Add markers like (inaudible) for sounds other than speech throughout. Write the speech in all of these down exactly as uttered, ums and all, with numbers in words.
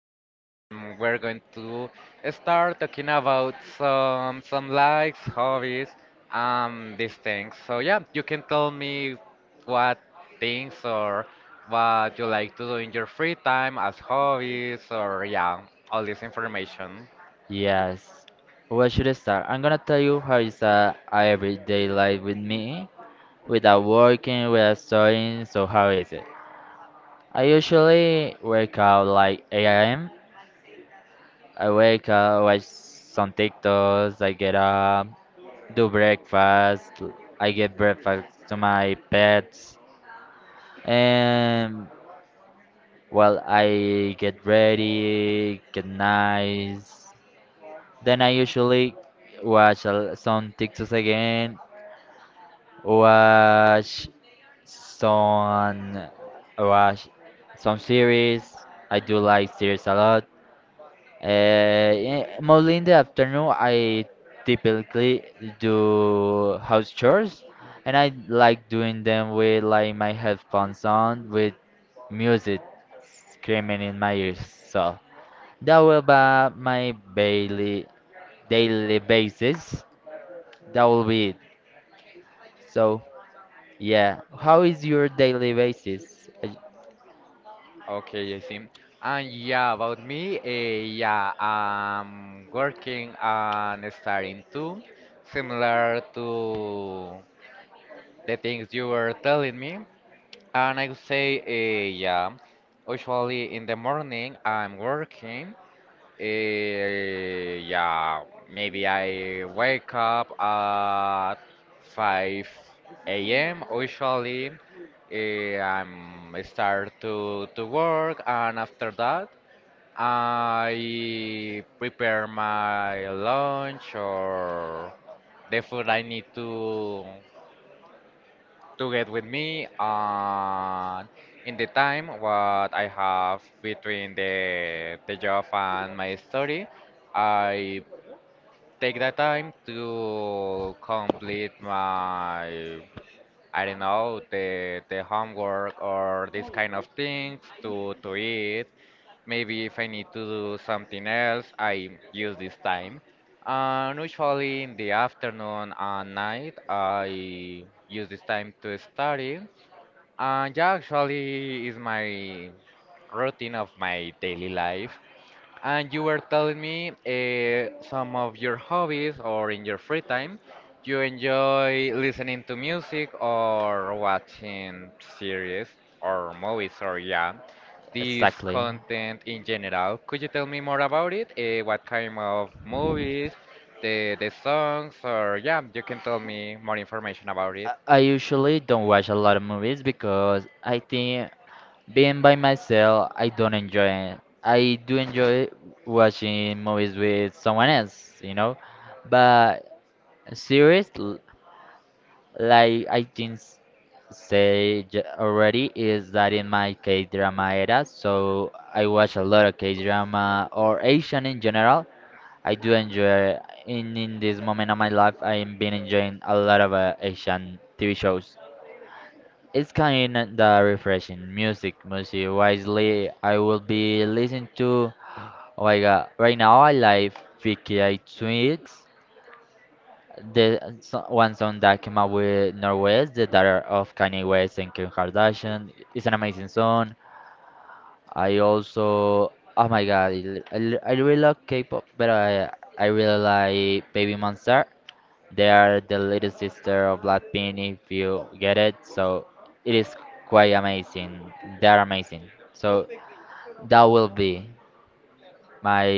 and we're going to start talking about some some likes, hobbies, um, these things. So yeah, you can tell me what things or what you like to do in your free time as hobbies, or yeah, all this information. Yes, where should I start? I'm gonna tell you how is a everyday life with me, without working, without studying. So how is it? I usually wake up like eight a m. I wake up, watch some TikToks, I get up, do breakfast. I get breakfast to my pets. And well, I get ready, get nice. Then I usually watch a- some TikToks again, watch some watch some series. I do like series a lot. Uh, yeah, mostly in the afternoon, I typically do house chores, and I like doing them with like my headphones on with music screaming in my ears. So that will be my daily daily basis. That will be it. So yeah, how is your daily basis? Uh, Okay, I see. And yeah, about me, eh, yeah, I'm working and starting too, similar to the things you were telling me. And I would say, eh, yeah, usually in the morning I'm working. Eh, yeah, maybe I wake up at five a m. Usually, eh, I'm start to to work, and after that, I prepare my lunch or the food I need to to get with me, and in the time what I have between the the job and my study, I take that time to complete my, I don't know, the the homework or this kind of things to to eat. Maybe if I need to do something else, I use this time. And usually in the afternoon and night, I use this time to study. And yeah, actually, is my routine of my daily life. And you were telling me uh, some of your hobbies or in your free time, you enjoy listening to music or watching series or movies, or yeah, this Exactly? content in general. Could you tell me more about it? Uh, what kind of movies, the the songs, or yeah, you can tell me more information about it. I I usually don't watch a lot of movies because I think being by myself, I don't enjoy it. I do enjoy watching movies with someone else, you know. But series, l- like I think s- say j- already, is that in my K-drama era, so I watch a lot of K-drama or Asian in general. I do enjoy in in this moment of my life. I'm been enjoying a lot of uh, Asian T V shows. It's kind of refreshing. Music, music wisely. I will be listening to. Oh my god! Right now I like Vicky I Tweets. The so- one song that came out with Norwest, the daughter of Kanye West and Kim Kardashian. It's an amazing song. I also. Oh my god! I, I, I really love K-pop, but I I really like Baby Monster. They are the little sister of Blackpink, if you get it. So it is quite amazing. They are amazing. So that will be my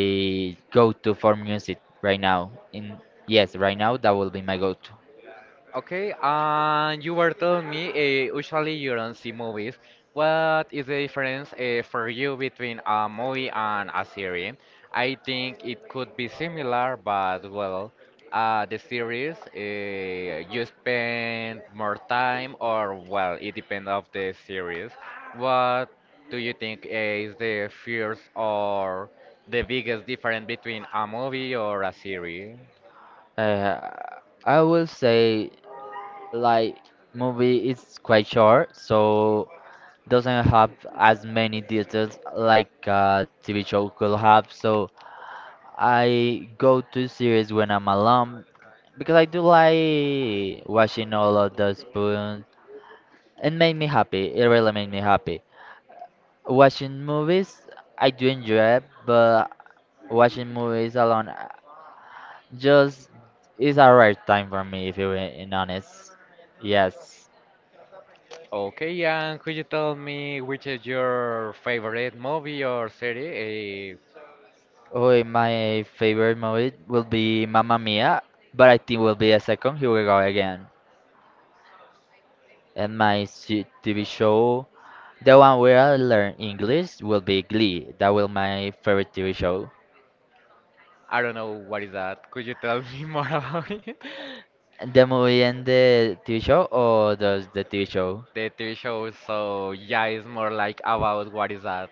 go-to for music right now. In yes, right now that will be my go-to. Okay, and you were telling me uh, usually you don't see movies. What is the difference uh, for you between a movie and a series? I think it could be similar, but well, uh, the series uh, you spend more time, or well, it depends of the series. What do you think uh, is the first or the biggest difference between a movie or a series? Uh, I will say like movie is quite short, so doesn't have as many details like a T V show could have. So I go to series when I'm alone because I do like watching all of the spoons. It made me happy. It really made me happy. Watching movies, I do enjoy it, but watching movies alone uh, just is a rare time for me, if you're being honest. Yes. Okay, and could you tell me which is your favorite movie or series? Eh, Oh, my favorite movie will be Mamma Mia, but I think will be a second. Here we go again. And my se- T V show. The one where I learn English will be Glee. That will my favorite T V show. I don't know what is that. Could you tell me more (laughs) about it? The movie and the T V show, or does the T V show? The T V show, so yeah, it's more like about what is that?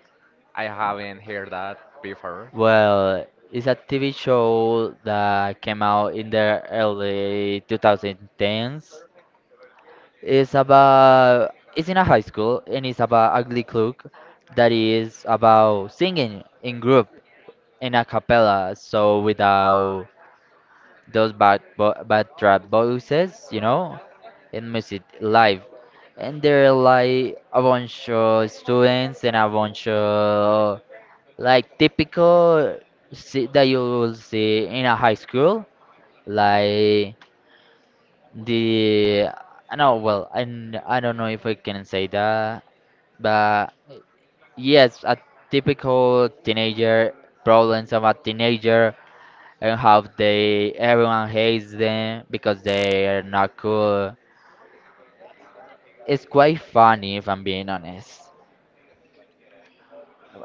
I haven't heard that before. Well, it's a T V show that came out in the early two thousand tens. It's about it's in a high school and it's about Ugly Cloak that is about singing in group in a cappella, so without those bad bo- backdrop voices, you know, in music live. And there are like a bunch of students and a bunch of like typical see, that you will see in a high school, like the I know well I, n- I don't know if I can say that, but yes, a typical teenager problems of a teenager and how they everyone hates them because they are not cool. It's quite funny if I'm being honest.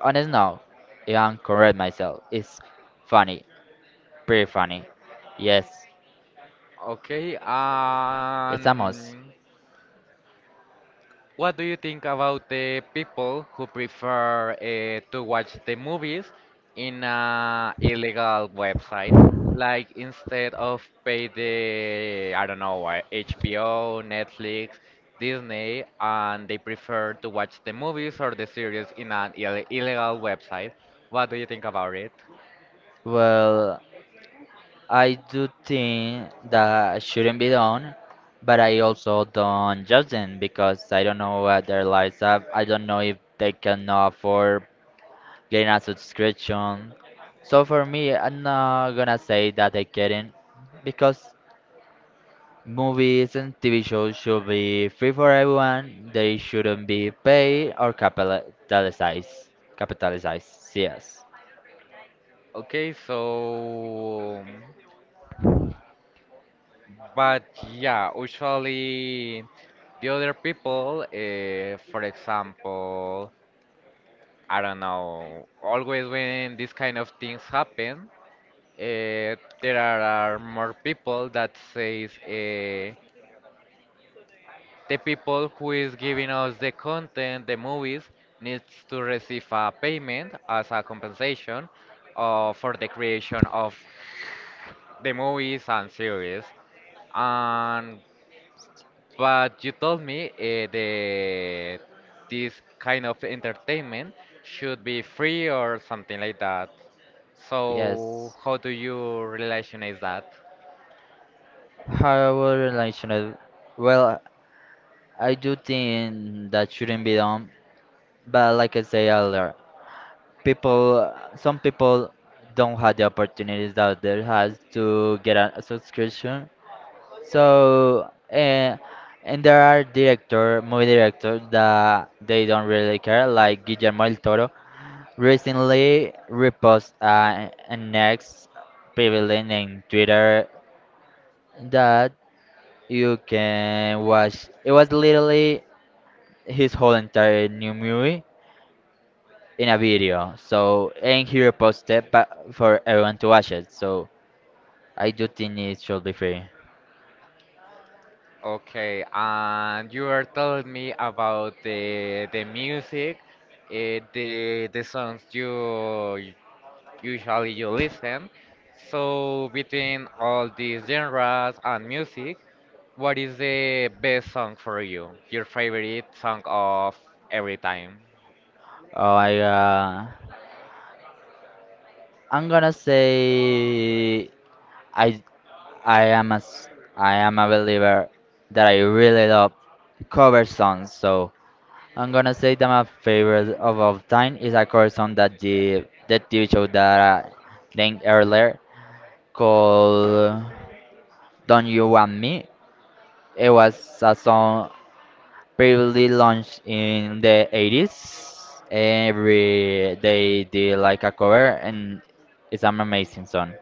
Honest now, if I'm correct myself, it's funny, pretty funny. Yes, Okay, it's a must. and what do you think about the people who prefer uh, to watch the movies in a illegal website? Like instead of pay the, I don't know, uh, H B O, Netflix, Disney, and they prefer to watch the movies or the series in an Ill illegal website. What do you think about it? Well, I do think that shouldn't be done, but I also don't judge them because I don't know what their lives are. I don't know if they can afford getting a subscription. So for me, I'm not gonna say that I getting because movies and T V shows should be free for everyone. They shouldn't be paid or capitalized. Capitalized, yes. Okay, so but yeah, usually the other people, uh, for example, I don't know, always when these kind of things happen, uh, there are are more people that says uh, the people who is giving us the content, the movies, needs to receive a payment as a compensation uh, for the creation of the movies and series. And but you told me uh, the this kind of entertainment should be free or something like that. So Yes. how do you relation is that? However, relational. Well, I do think that shouldn't be done, but like I say earlier, people, some people don't have the opportunities that they has to get a subscription. So, uh, and there are director, movie directors that they don't really care, like Guillermo del Toro recently reposted uh, an next pavilion in Twitter that you can watch. It was literally his whole entire new movie in a video. So, and he reposted but for everyone to watch it. So, I do think it should be free. Okay, and you were telling me about the the music, uh, the the songs you usually you listen. So between all these genres and music, what is the best song for you? Your favorite song of every time? Oh, I, uh, I'm gonna say I. I am a, s- I am a believer that I really love cover songs. So I'm gonna say that my favorite of all time is a cover song that the the T V show that I named earlier called "Don't You Want Me." It was a song previously launched in the eighties. Every they did like a cover, and it's an amazing song.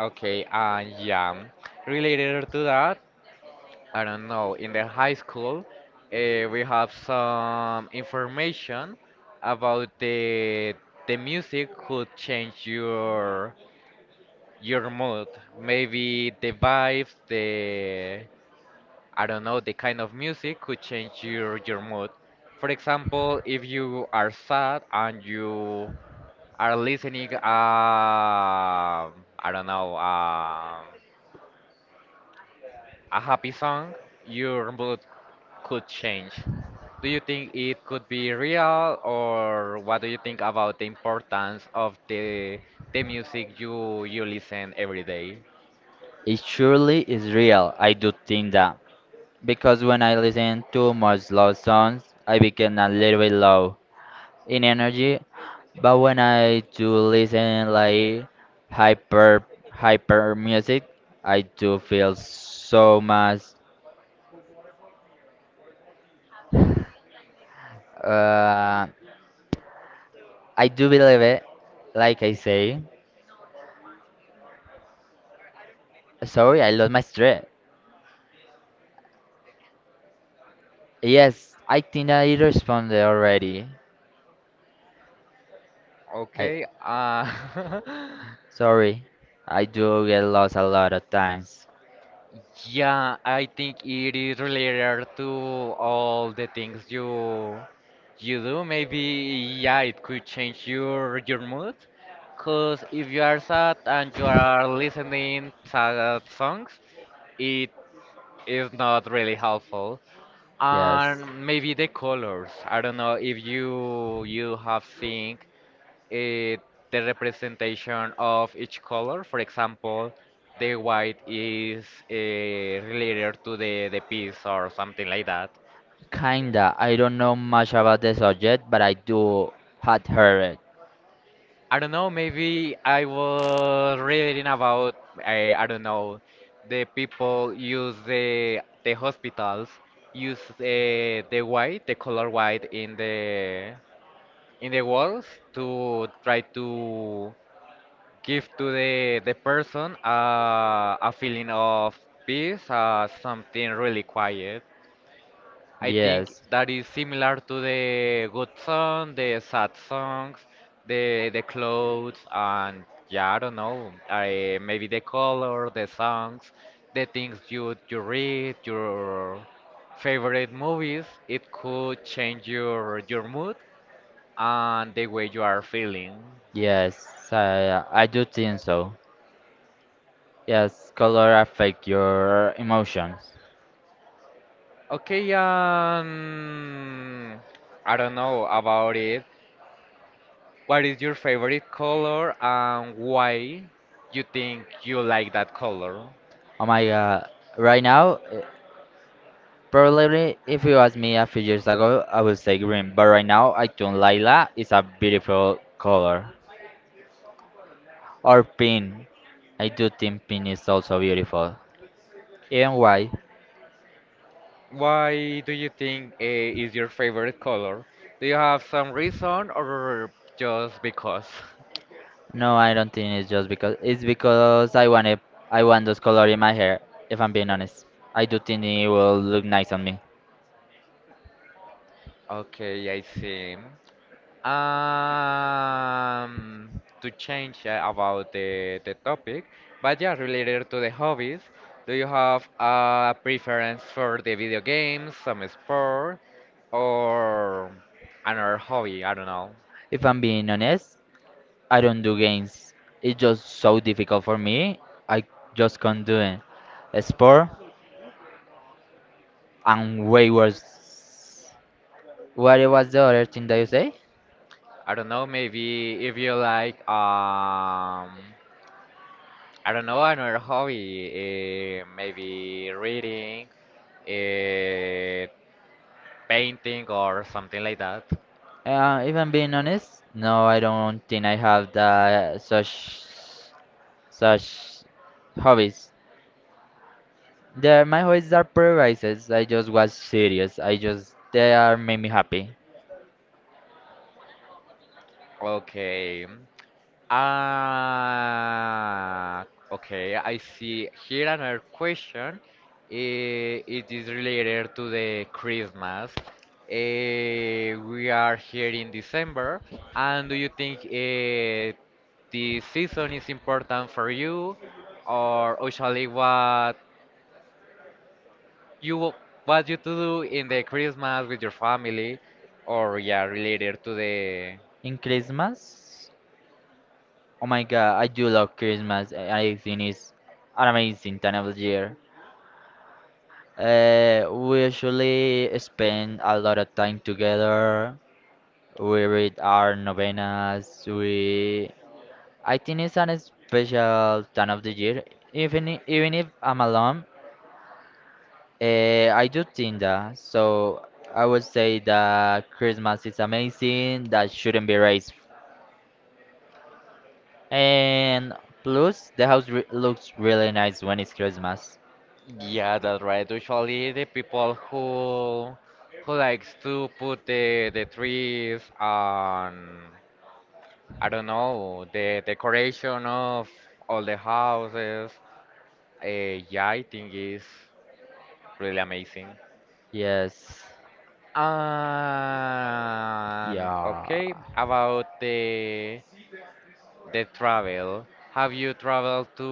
Okay, and yeah, related to that, I don't know, in the high school, uh, we have some information about the the music could change your your mood. Maybe the vibes, the, I don't know, the kind of music could change your your mood. For example, if you are sad and you are listening um I don't know um a happy song, your mood could change. Do you think it could be real, or what do you think about the importance of the the music you you listen every day? It surely is real. I do think that, because when I listen to much loud songs, I become a little bit low in energy. But when I do listen like hyper hyper music, I do feel so much. Uh, I do believe it. Like I say, sorry, I lost my thread. Yes, I think I responded already. I Okay, uh, (laughs) sorry, I do get lost a lot of times. yeah, I think it is related to all the things you you do. Maybe, yeah, it could change your your mood. Cause if you are sad and you are listening sad songs, it is not really helpful. Yes. And maybe the colors. I don't know if you you have seen eh, the representation of each color. For example, the white is eh, related to the, the peace or something like that. Kinda. I don't know much about the subject, but I do had heard it. I don't know, maybe I was reading about, I, I don't know, the people use the, the hospitals use eh, the white, the color white in the in the walls to try to give to the the person uh, a feeling of peace, uh, something really quiet. I think Yes, that is similar to the good song, the sad songs, the the clothes, and yeah, I don't know, I, maybe the color, the songs, the things you you read, your favorite movies. It could change your your mood and the way you are feeling. yes, I, uh, I do think so. Yes, color affect your emotions. Okay, um, I don't know about it. What is your favorite color and why you think you like that color? Oh my god. Right now, eh, probably if you asked me a few years ago, I would say green. But right now, I think lila is a beautiful color. Or pink. I do think pink is also beautiful. Even white. Why do you think uh, is your favorite color? Do you have some reason or just because? (laughs) No, I don't think it's just because it's because I want it, I want those color in my hair, if I'm being honest. I do think it will look nice on me. Okay, I see. Um, to change uh, about the, the topic, but yeah, related to the hobbies, do you have a preference for the video games, some sport, or another hobby? I don't know. If I'm being honest, I don't do games. It's just so difficult for me. I just can't do it. A sport, I'm way worse. What was the other thing that you say? I don't know, maybe if you like, um, I don't know, another hobby, uh, maybe reading, uh, painting, or something like that. Uh, if I'm being honest, no, I don't think I have the such such hobbies. They're my hobbies are priorities. I just watch series. I just they are make me happy. Okay. Ah, okay, I see. Here another question. eh, It is related to the Christmas. Eh, we are here in December, and do you think eh, the season is important for you, or usually what you what you to do in the Christmas with your family, or yeah, related to the. In Christmas, oh my god, I do love Christmas. I think it's an amazing time of the year. Uh, we usually spend a lot of time together. We read our novenas. We I think it's an special time of the year. Even i- even if I'm alone, Eh, I do think that. So I would say that Christmas is amazing. That shouldn't be raised. And plus, the house re looks really nice when it's Christmas. Yeah, that's right. Usually the people who who likes to put the the trees on, I don't know, the decoration of all the houses. Uh, yeah, I think is really amazing. Yes. And Yeah. okay, about the the travel. Have you traveled to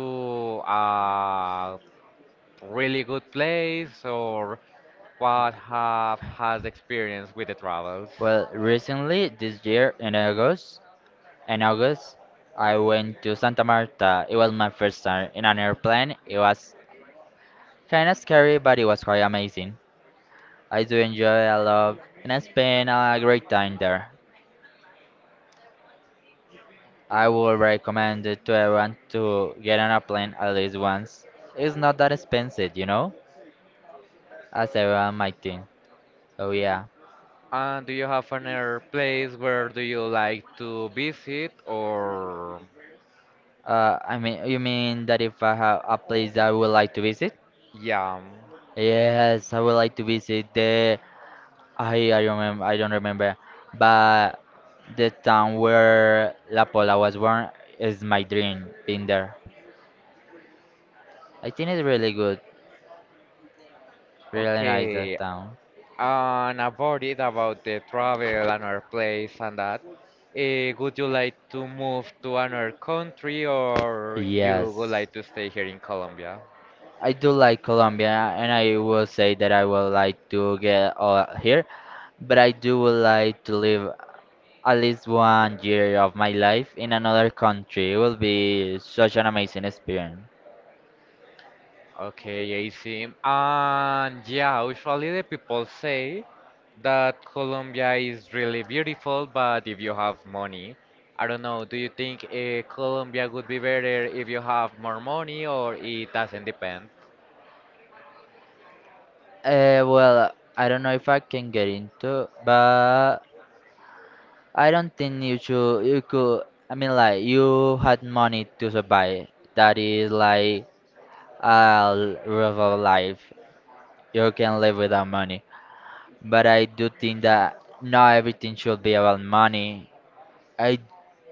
a really good place or what have has experience with the travels? Well, recently this year in August, in August, I went to Santa Marta. It was my first time in an airplane. It was kind of scary, but it was quite amazing. I do enjoy it a lot, and I spent a great time there. I would recommend it to everyone to get on a plane at least once. It's not that expensive, you know, as everyone might think. So yeah. And do you have another place where do you like to visit or Uh, I mean, you mean that if I have a place I would like to visit? yeah. Yes, I would like to visit the. I I remember. I don't remember, but the town where La Pola was born is my dream. Been there. I think it's really good. Really nice that Okay. town. And about it about the travel another place and that. Eh, would you like to move to another country, or you would Yes. like to stay here in Colombia? I do like Colombia, and I will say that I would like to get uh, here, but I do would like to live at least one year of my life in another country. It will be such an amazing experience. Okay, I see. And yeah, usually the people say that Colombia is really beautiful, but if you have money, I don't know, do you think uh, Colombia would be better if you have more money or it doesn't depend? Uh, well, I don't know if I can get into, but I don't think you should. You could. I mean, like you had money to survive. That is like a l- real life. You can live without money. But I do think that not everything should be about money. I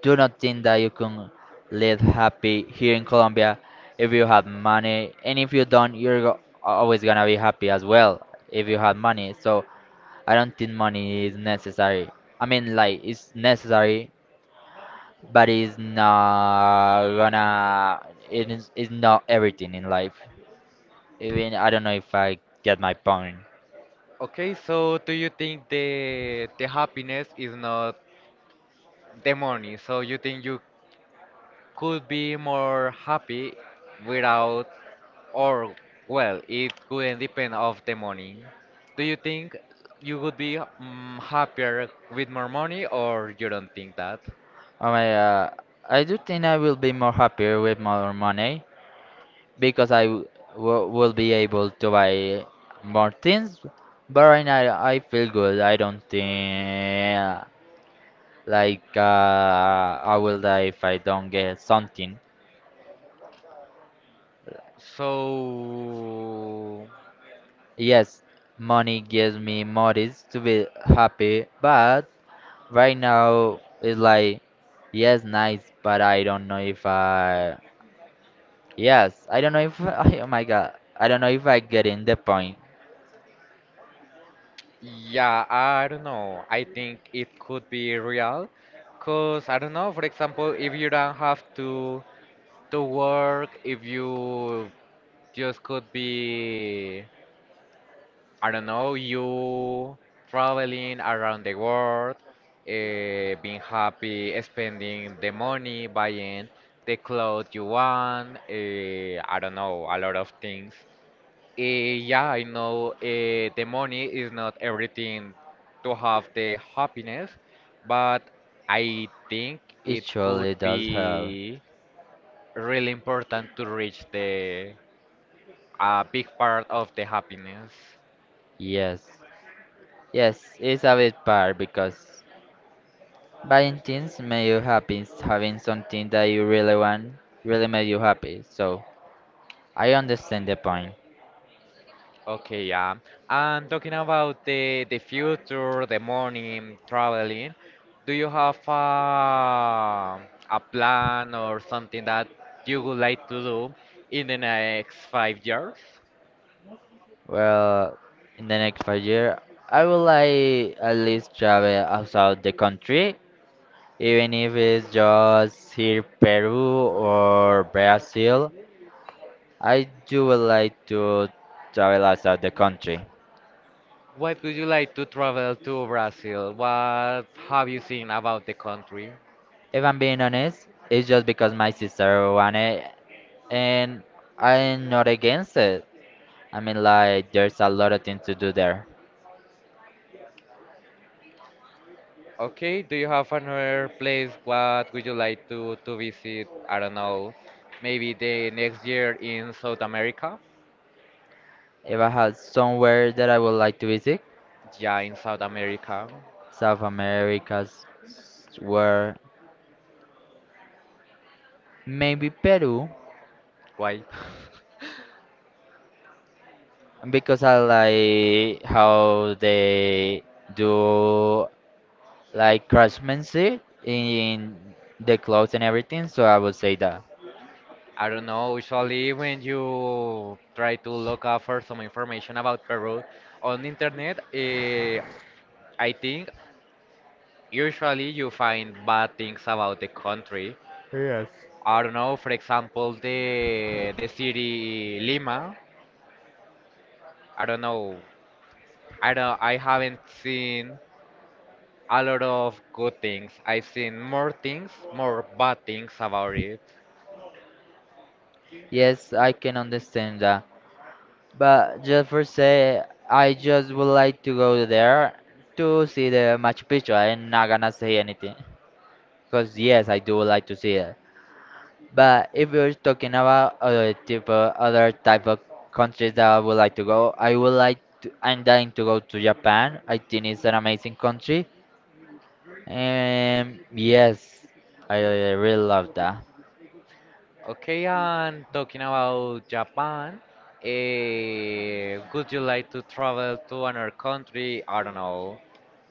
do not think that you can live happy here in Colombia if you have money, and if you don't, you're go- always gonna be happy as well if you have money. So I don't think money is necessary. I mean, like it's necessary, but it's not gonna. It is it's not everything in life. Even I don't know if I get my point. Okay, so do you think the the happiness is not the money? So you think you could be more happy without, or, well, it couldn't depend of the money. Do you think you would be, mm, happier with more money, or you don't think that? Oh my, uh, I do think I will be more happier with more money because I w w will be able to buy more things. But right now, I feel good. I don't think like uh, I will die if I don't get something. So, Yes, money gives me motives to be happy, but right now it's like yes, nice, but I don't know if I yes, I don't know if (laughs) oh my god, I don't know if I get in the point. yeah, I don't know. I think it could be real, cause I don't know. For example, if you don't have to to work, if you just could be, I don't know, you traveling around the world, uh, being happy, spending the money, buying the clothes you want, uh, I don't know, a lot of things. Uh, yeah, I know uh, the money is not everything to have the happiness, but I think It it could surely does help. be really important to reach the a big part of the happiness. Yes, yes, it's a bit part because buying things make you happy. s- Having something that you really want really make you happy. So I understand the point. Okay, yeah. And talking about the the future, the morning traveling, do you have a a plan or something that you would like to do in the next five years? Well, in the next five year, I would like at least travel outside the country, even if it's just here Peru or Brazil. I do would like to travel outside the country. What would you like to travel to Brazil? What have you seen about the country? If I'm being honest, it's just because my sister wanted it, and I'm not against it. I mean, like, there's a lot of things to do there. Okay, do you have another place what would you like to to visit? I don't know, maybe the next year in South America? If I had somewhere that I would like to visit, Yeah, in South America. South America's where maybe Peru, Why? (laughs) because I like how they do like craftsmanship in the clothes and everything. So I would say that. I don't know. Usually, when you try to look up for some information about Peru on internet, eh, I think usually you find bad things about the country. Yes. I don't know. For example, the the city Lima. I don't know. I don't. I haven't seen a lot of good things. I've seen more things, more bad things about it. Yes, I can understand that. But just for say, I just would like to go there to see the Machu Picchu. I'm not gonna say anything. Because yes, I do like to see it. But if you're talking about other type of, other type of countries that I would like to go, I would like to, I'm dying to go to Japan. I think it's an amazing country. And yes, I really love that. Okay, and talking about Japan, eh, would you like to travel to another country? I don't know,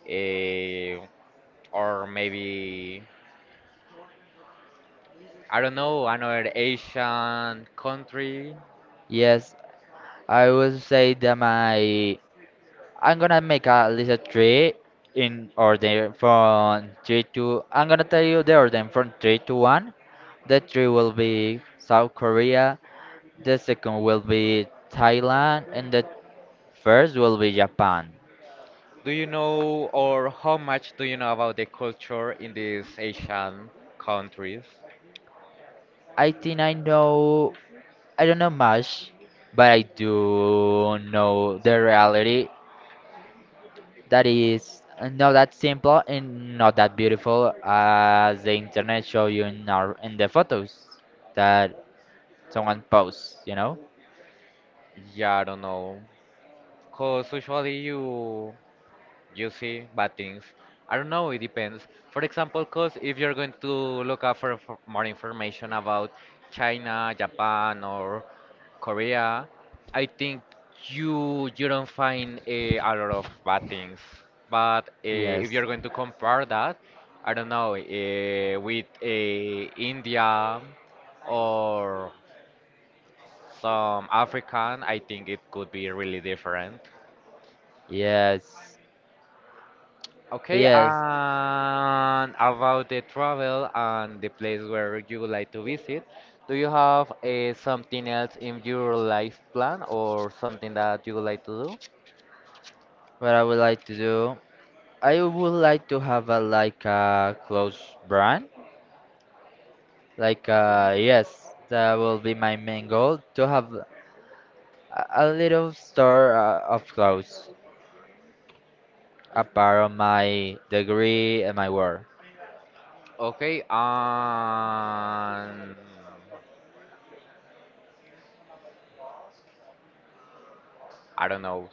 eh, or maybe I don't know another Asian country. Yes, I would say that my I'm gonna make a list of three in order from three to. I'm gonna tell you the order from three to one. The three will be South Korea. The second will be Thailand, and the first will be Japan. Do you know, or how much do you know about the culture in these Asian countries? I think I know. I don't know much, but I do know the reality that is not that simple and not that beautiful as the internet show you in our in the photos that someone posts, you know? Yeah, I don't know, cause usually you you see bad things. I don't know, it depends. For example, because if you're going to look up for, for more information about China, Japan, or Korea, I think you you don't find a, a lot of bad things. But uh, if Yes, you're going to compare that, I don't know, uh, with uh, India or some African, I think it could be really different. yes, Okay, yes. and about the travel and the place where you would like to visit, do you have uh, something else in your life plan or something that you would like to do? What I would like to do, I would like to have a like a close brand. Like uh, yes, that will be my main goal to have a, a little store uh, of clothes apart of my degree and my work. Okay, and I don't know.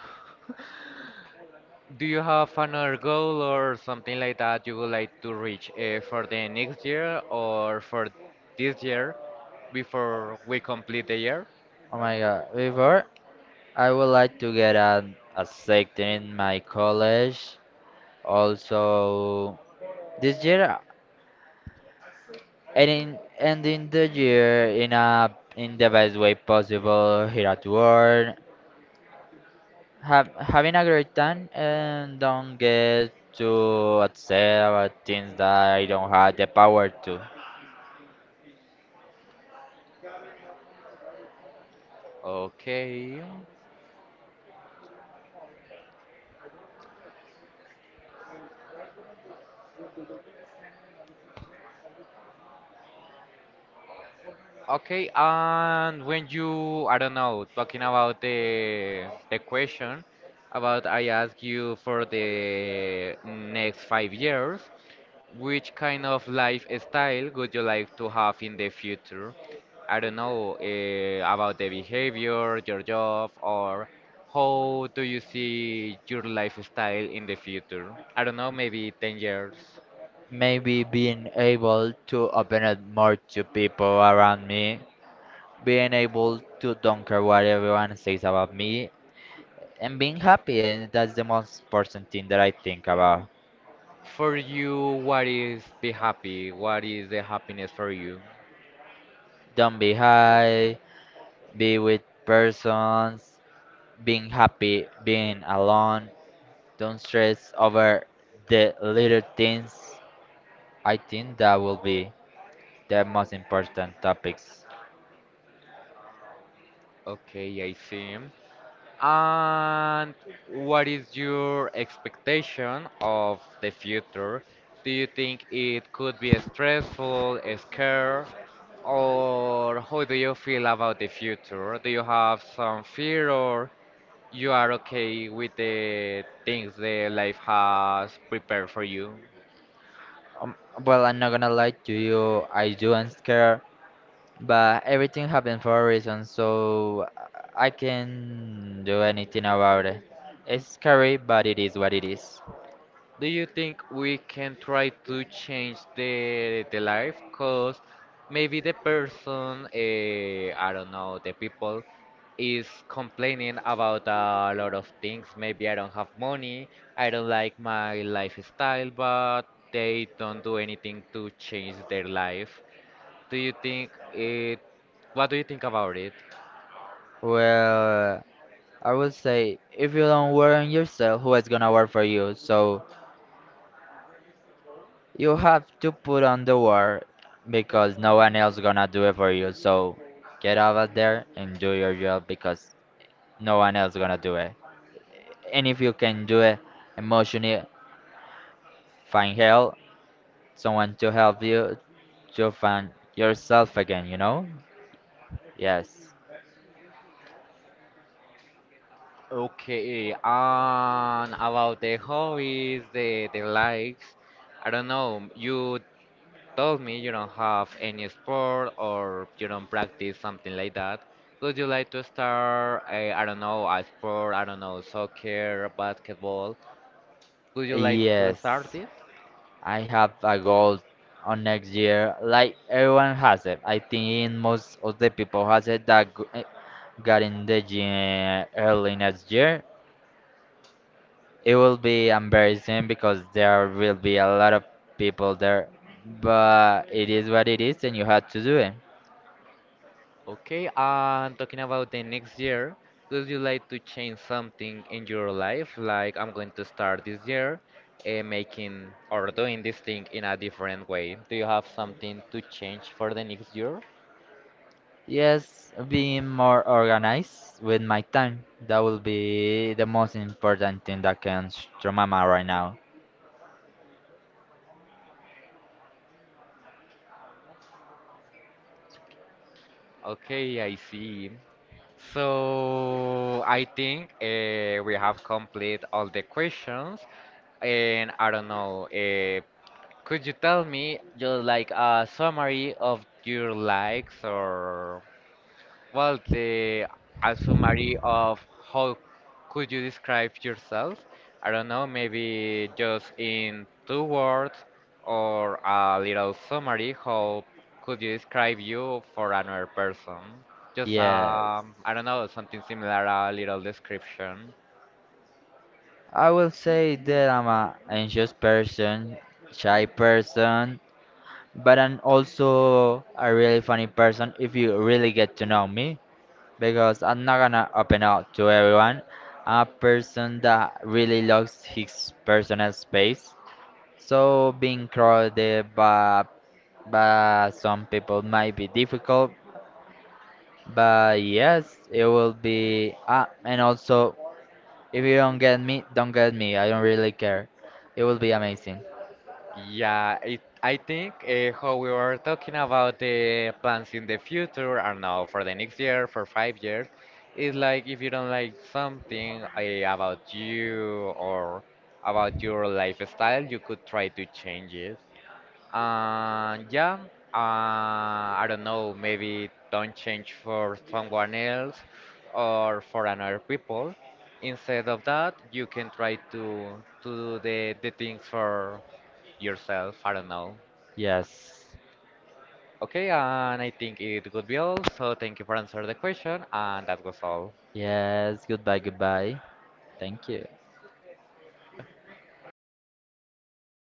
Do you have another goal or something like that you would like to reach uh, for the next year or for this year before we complete the year? Oh my God! Before I would like to get an a sector in my college. Also, this year and in ending the year in a in the best way possible here at work have having a great time and don't get too upset about things that I don't have the power to, Okay. Okay, and when you, I don't know, talking about the the question about I ask you for the next five years, which kind of lifestyle would you like to have in the future? I don't know, uh, about the behavior, your job, or how do you see your lifestyle in the future? I don't know, maybe ten years. maybe being able to open up more to people around me, being able to don't care what everyone says about me, and being happy. Eh, that's the most important thing that I think about. For you, what is be happy? What is the happiness for you? Don't be high, be with persons, being happy, being alone, don't stress over the little things. I think that will be the most important topics. Okay, I see. And what is your expectation of the future? Do you think it could be stressful, a scare, or how do you feel about the future? Do you have some fear, or you are okay with the things the life has prepared for you? Um, well, I'm not gonna lie to you, I do am scared, but everything happened for a reason, so I can do anything about it. It's scary, but it is what it is. Do you think we can try to change the the life? Cause maybe the person, uh, I don't know, the people is complaining about a lot of things. Maybe I don't have money, I don't like my lifestyle, but they don't do anything to change their life. Do you think it? What do you think about it? Well, I would say if you don't work on yourself, who is gonna work for you? So you have to put on the work because no one else gonna do it for you. So get over there and do your job because no one else gonna do it. And if you can do it emotionally, find help, someone to help you to find yourself again, you know? Yes. Okay, and about the hobbies, the the likes. I don't know. You told me you don't have any sport or you don't practice something like that. Would you like to start, a, I don't know, a sport, I don't know, soccer, basketball? Would you like to Yes. start it? I have a goal on next year. Like everyone has it. I think most of the people has it that g- eh, got in the gym early next year. It will be embarrassing because there will be a lot of people there, but it is what it is and you have to do it. Okay, and talking about the next year, would you like to change something in your life? Like, I'm going to start this year uh, making or doing this thing in a different way. Do you have something to change for the next year? Yes, being more organized with my time. That will be the most important thing that comes to my mind right now. Okay, I see. So I think uh, we have complete all the questions, and I don't know. Uh, could you tell me just like a summary of your likes or? Well, the a summary of how could you describe yourself? I don't know, maybe just in two words or a little summary. How could you describe you for another person? Just Yes, um, I don't know, something similar, a little description. I will say that I'm a anxious person, shy person, but I'm also a really funny person if you really get to know me, because I'm not gonna open up to everyone. I'm a person that really loves his personal space. So being crowded by, by some people might be difficult, but yes, it will be. Ah, and also, if you don't get me, don't get me. I don't really care. It will be amazing. Yeah, it, I think uh, how we were talking about the plans in the future, or now for the next year, for five years, is like if you don't like something uh, about you or about your lifestyle, you could try to change it. And yeah, uh, I don't know, maybe don't change for someone else or for another people. Instead of that, you can try to to do the, the things for yourself. I don't know. Yes. Okay, and I think it would be all. So thank you for answering the question, and that was all. Yes. Goodbye. Goodbye. Thank you.